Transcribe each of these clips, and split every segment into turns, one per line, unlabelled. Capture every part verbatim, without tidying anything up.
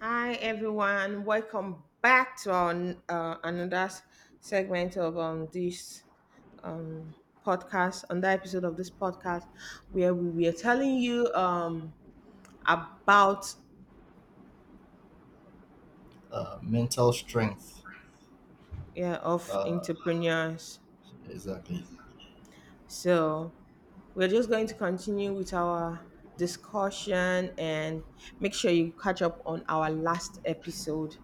Hi, everyone. Welcome back to our uh, another s- segment of um, this podcast, another episode of this podcast, where we were telling you um, about
uh, mental strength.
yeah, of
Uh,
entrepreneurs.
exactly.
So we're just going to continue with our discussion, and make sure you catch up on our last episode.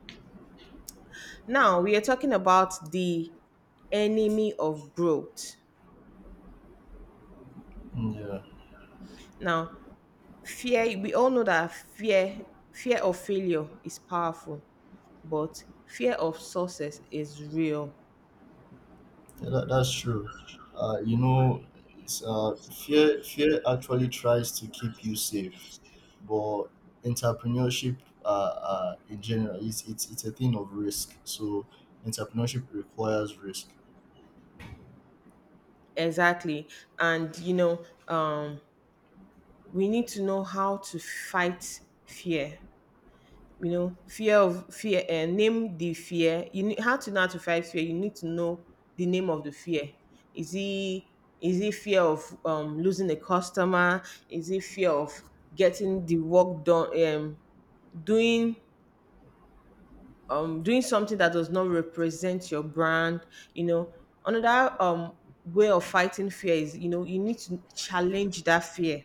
Now we are talking about the enemy of growth.
Yeah,
Now, fear, we all know that fear fear of failure is powerful but fear of success is real.
yeah that, that's true. Uh, you know, it's, uh, fear fear actually tries to keep you safe, but entrepreneurship uh, uh, in general it's, it's it's a thing of risk. So entrepreneurship requires risk.
Exactly. And you know, um we need to know how to fight fear. You know, fear of fear and name the fear. You need how to know how to fight fear. You need to know the name of the fear. Is it is it fear of um, losing a customer? Is it fear of getting the work done, um, doing, um doing something that does not represent your brand? You know, another um way of fighting fear is, you know, you need to challenge that fear.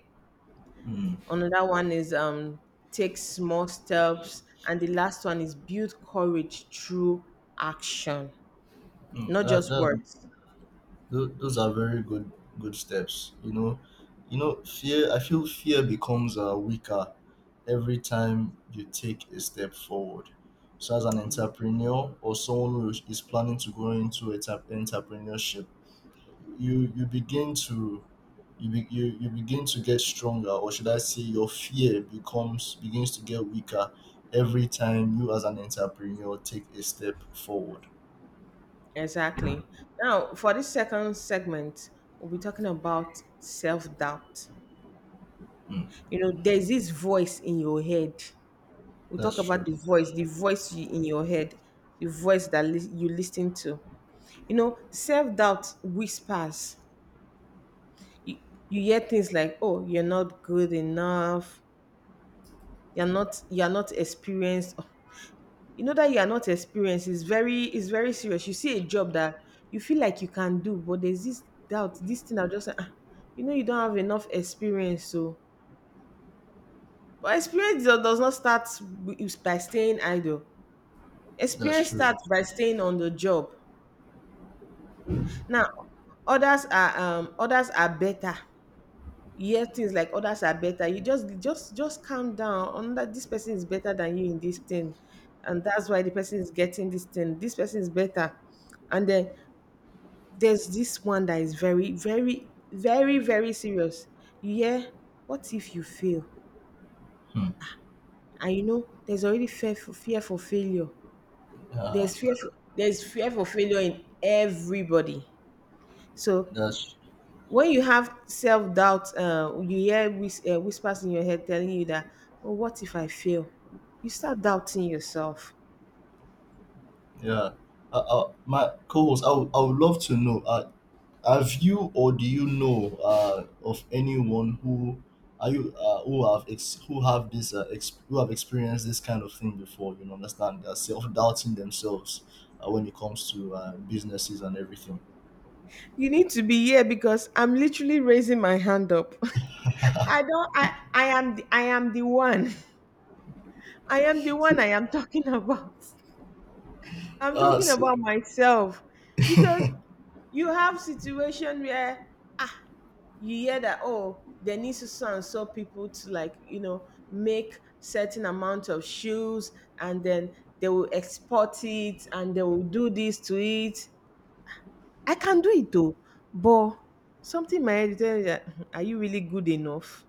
Mm.
Another one is, um take small steps. And the last one is build courage through action,
Mm,
not
that,
just
that
words.
Tho- those are very good good steps, you know, you know fear. I feel fear becomes uh, weaker every time you take a step forward. So as an
Yeah,
entrepreneur or someone who is is planning to go into enter- entrepreneurship, you you begin to you, be, you you begin to get stronger, or should I say your fear becomes begins to get weaker every time you as an entrepreneur take a step forward.
exactly. Now for this second segment, we'll be talking about self-doubt. You know, there's this voice in your head. We talk
That's
about
true.
the voice, the voice you, in your head, the voice that lis- you listen to. You know, self-doubt whispers. you, you hear things like, oh, you're not good enough, you're not you're not experienced. Oh, you know, that you are not experienced is very is very serious. You see a job that you feel like you can do, but there's this doubt, this thing that just say, ah, you know, you don't have enough experience. So, but experience do- does not start wi- by staying idle.
That's
Experience
true.
starts by staying on the job. Now, others are um others are better. You hear things like others are better. You just just just calm down on that. This person is better than you in this thing, and that's why the person is getting this thing. This person is better. And then there's this one that is very, very, very, very serious. You hear, what if you fail?
Hmm.
And you know, there's already fear for fear for failure.
Ah,
There's fear for, there's fear for failure in everybody. So
that's.
when you have self doubt, uh, you hear whis- uh, whispers in your head telling you that, oh, what if I fail? You start doubting yourself.
Yeah. Uh, uh, my co-host, I would, I would love to know, uh, have you or do you know uh, of anyone who are you uh, who have ex- who have this uh, ex- who have experienced this kind of thing before? You know, understand, they're self-doubting themselves uh, when it comes to uh, businesses and everything.
You need to be here because I'm literally raising my hand up. I don't. I. I am. The, I am the one. I am the one.
So,
I am talking about. I'm
uh,
talking
so,
about myself, because you have situation where, ah, you hear that, oh, there needs to so and so people to, like, you know, make certain amount of shoes. And then they will export it, and they will do this to it. I can do it, though. But something in my head tell me that, are you really good enough?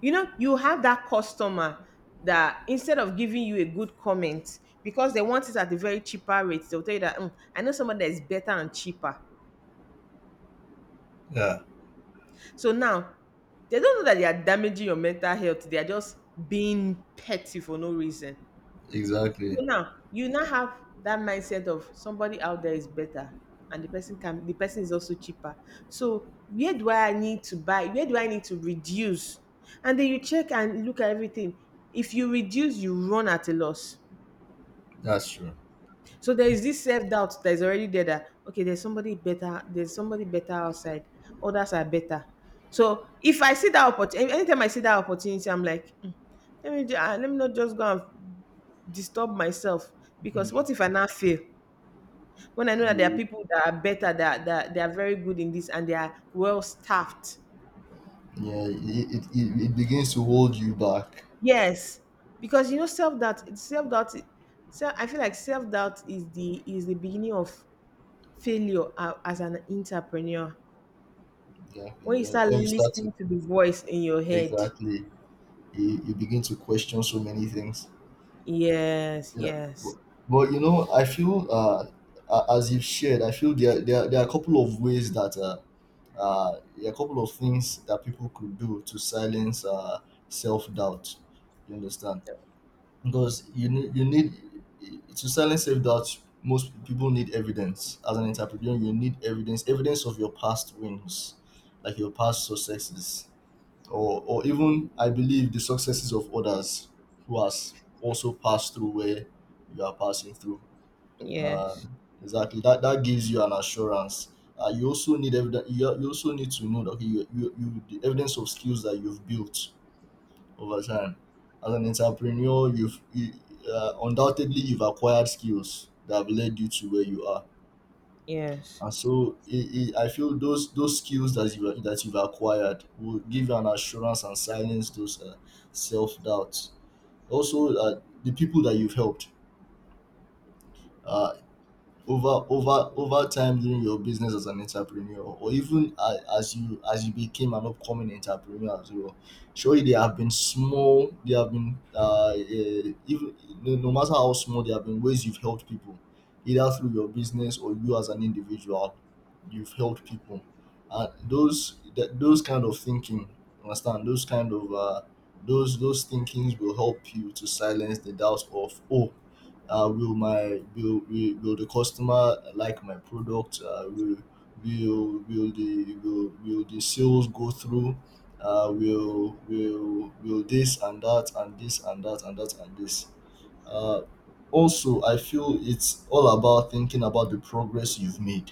You know, you have that customer that, instead of giving you a good comment, because they want it at a very cheaper rate, they'll tell you that, "Hmm, I know someone that is better and cheaper."
yeah,
So now, they don't know that they are damaging your mental health. They are just being petty for no reason. So
exactly.
now you now have that mindset of somebody out there is better, and the person can the person is also cheaper. So where do I need to buy? Where do I need to reduce? And then you check and look at everything. If you reduce, you run at a loss.
That's true.
So there is this self doubt that is already there, that okay, there's somebody better, there's somebody better outside, others are better. So if I see that opportunity, anytime I see that opportunity, I'm like, "Mm, let me ju- ah, let me not just go and disturb myself, because
Mm.
what if I now fail? When I know that there are
You,
people that are better, that that they are very good in this and they are well staffed."
yeah, it, it, it it begins to hold you back.
Yes, because you know, self doubt, self doubt, so I feel like self doubt is the is the beginning of failure, uh, as an entrepreneur,
Exactly.
when you
When,
start
when you start to
listening to the voice in your head.
exactly you, you begin to question so many things.
Yes,
Yeah, but,
yes.
but you know, I feel uh, a- as you've shared, I feel there there, there are a couple of ways that uh, uh, there are a couple of things that people could do to silence uh, self doubt. You understand? Because you need you need to silence self doubt. Most people need evidence. As an entrepreneur, you need evidence evidence of your past wins, like your past successes, or or even I believe the successes of others who has also passed through where you are passing through.
Yes,
Um, exactly, that that gives you an assurance. Uh, you also need evidence. You, you also need to know that okay, you, you, you the evidence of skills that you've built over time. As an entrepreneur, you've you, uh, undoubtedly you've acquired skills that have led you to where you are.
yes.
And so it, it, I feel those those skills that you that you've acquired will give you an assurance and silence those uh, self doubts. Also, uh, the people that you've helped. Uh, over over over time during your business as an entrepreneur, or even a- as you as you became an upcoming entrepreneur as well, surely there have been small there have been uh, eh, even no, no matter how small, there have been ways you've helped people, either through your business or you as an individual, you've helped people. And those that those kind of thinking, understand, those kind of uh, those those thinkings will help you to silence the doubts of, oh, uh, will my will, will will the customer like my product? Uh, will will will the will, will the sales go through? Uh, will will will this and that and this and that and that and this. Uh, also, I feel it's all about thinking about the progress you've made.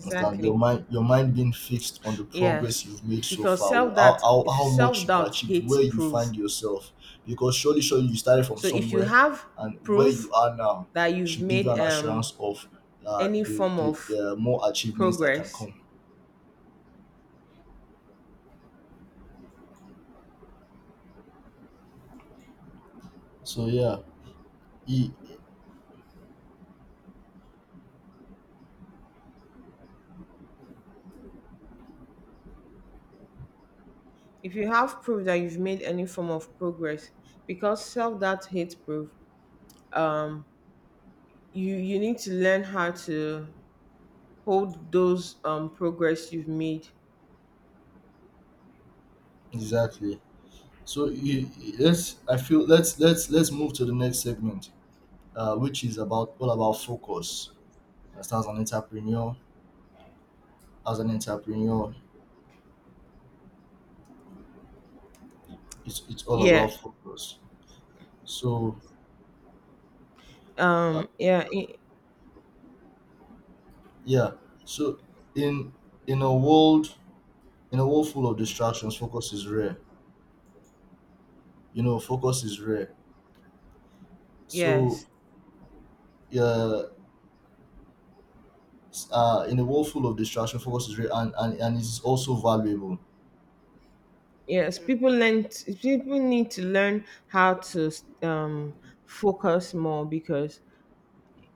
Understand? Your mind, your mind being fixed on the progress
Yes,
you've made so
because
far.
self
how,
that
how, how much
self
you've
doubt
achieved,
hates
where you
proof.
find yourself. Because surely, surely you started from
So if you
somewhere,
have
and where you
proof
are now
that you've
should give you
made,
an
um
assurance of uh,
any
the,
form
the,
of
the uh, more achievements that can
progress.
come. So yeah, e-
If you have proof that you've made any form of progress, because self doubt hates proof. um you you need to learn how to hold those, um progress you've made.
exactly. So e- e- let's, I feel, let's let's let's move to the next segment, uh, which is about all about focus. As an entrepreneur, as an entrepreneur, it's it's all about
Yeah.
focus. So uh,
um yeah I
yeah, so in in a world, in a world full of distractions, focus is rare. You know, focus is rare. So
Yes.
yeah, s- uh, in a world full of distraction, focus is rare, and and, and it is also valuable.
Yes, people learn t- people need to learn how to, um focus more, because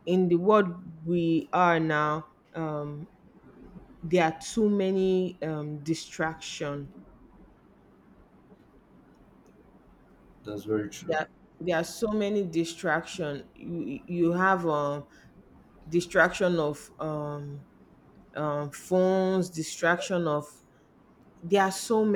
in the world we are now, um there are too many um distraction.
That's very true.
there there are so many distraction. you you have um distraction of um um phones, distraction of, there are so many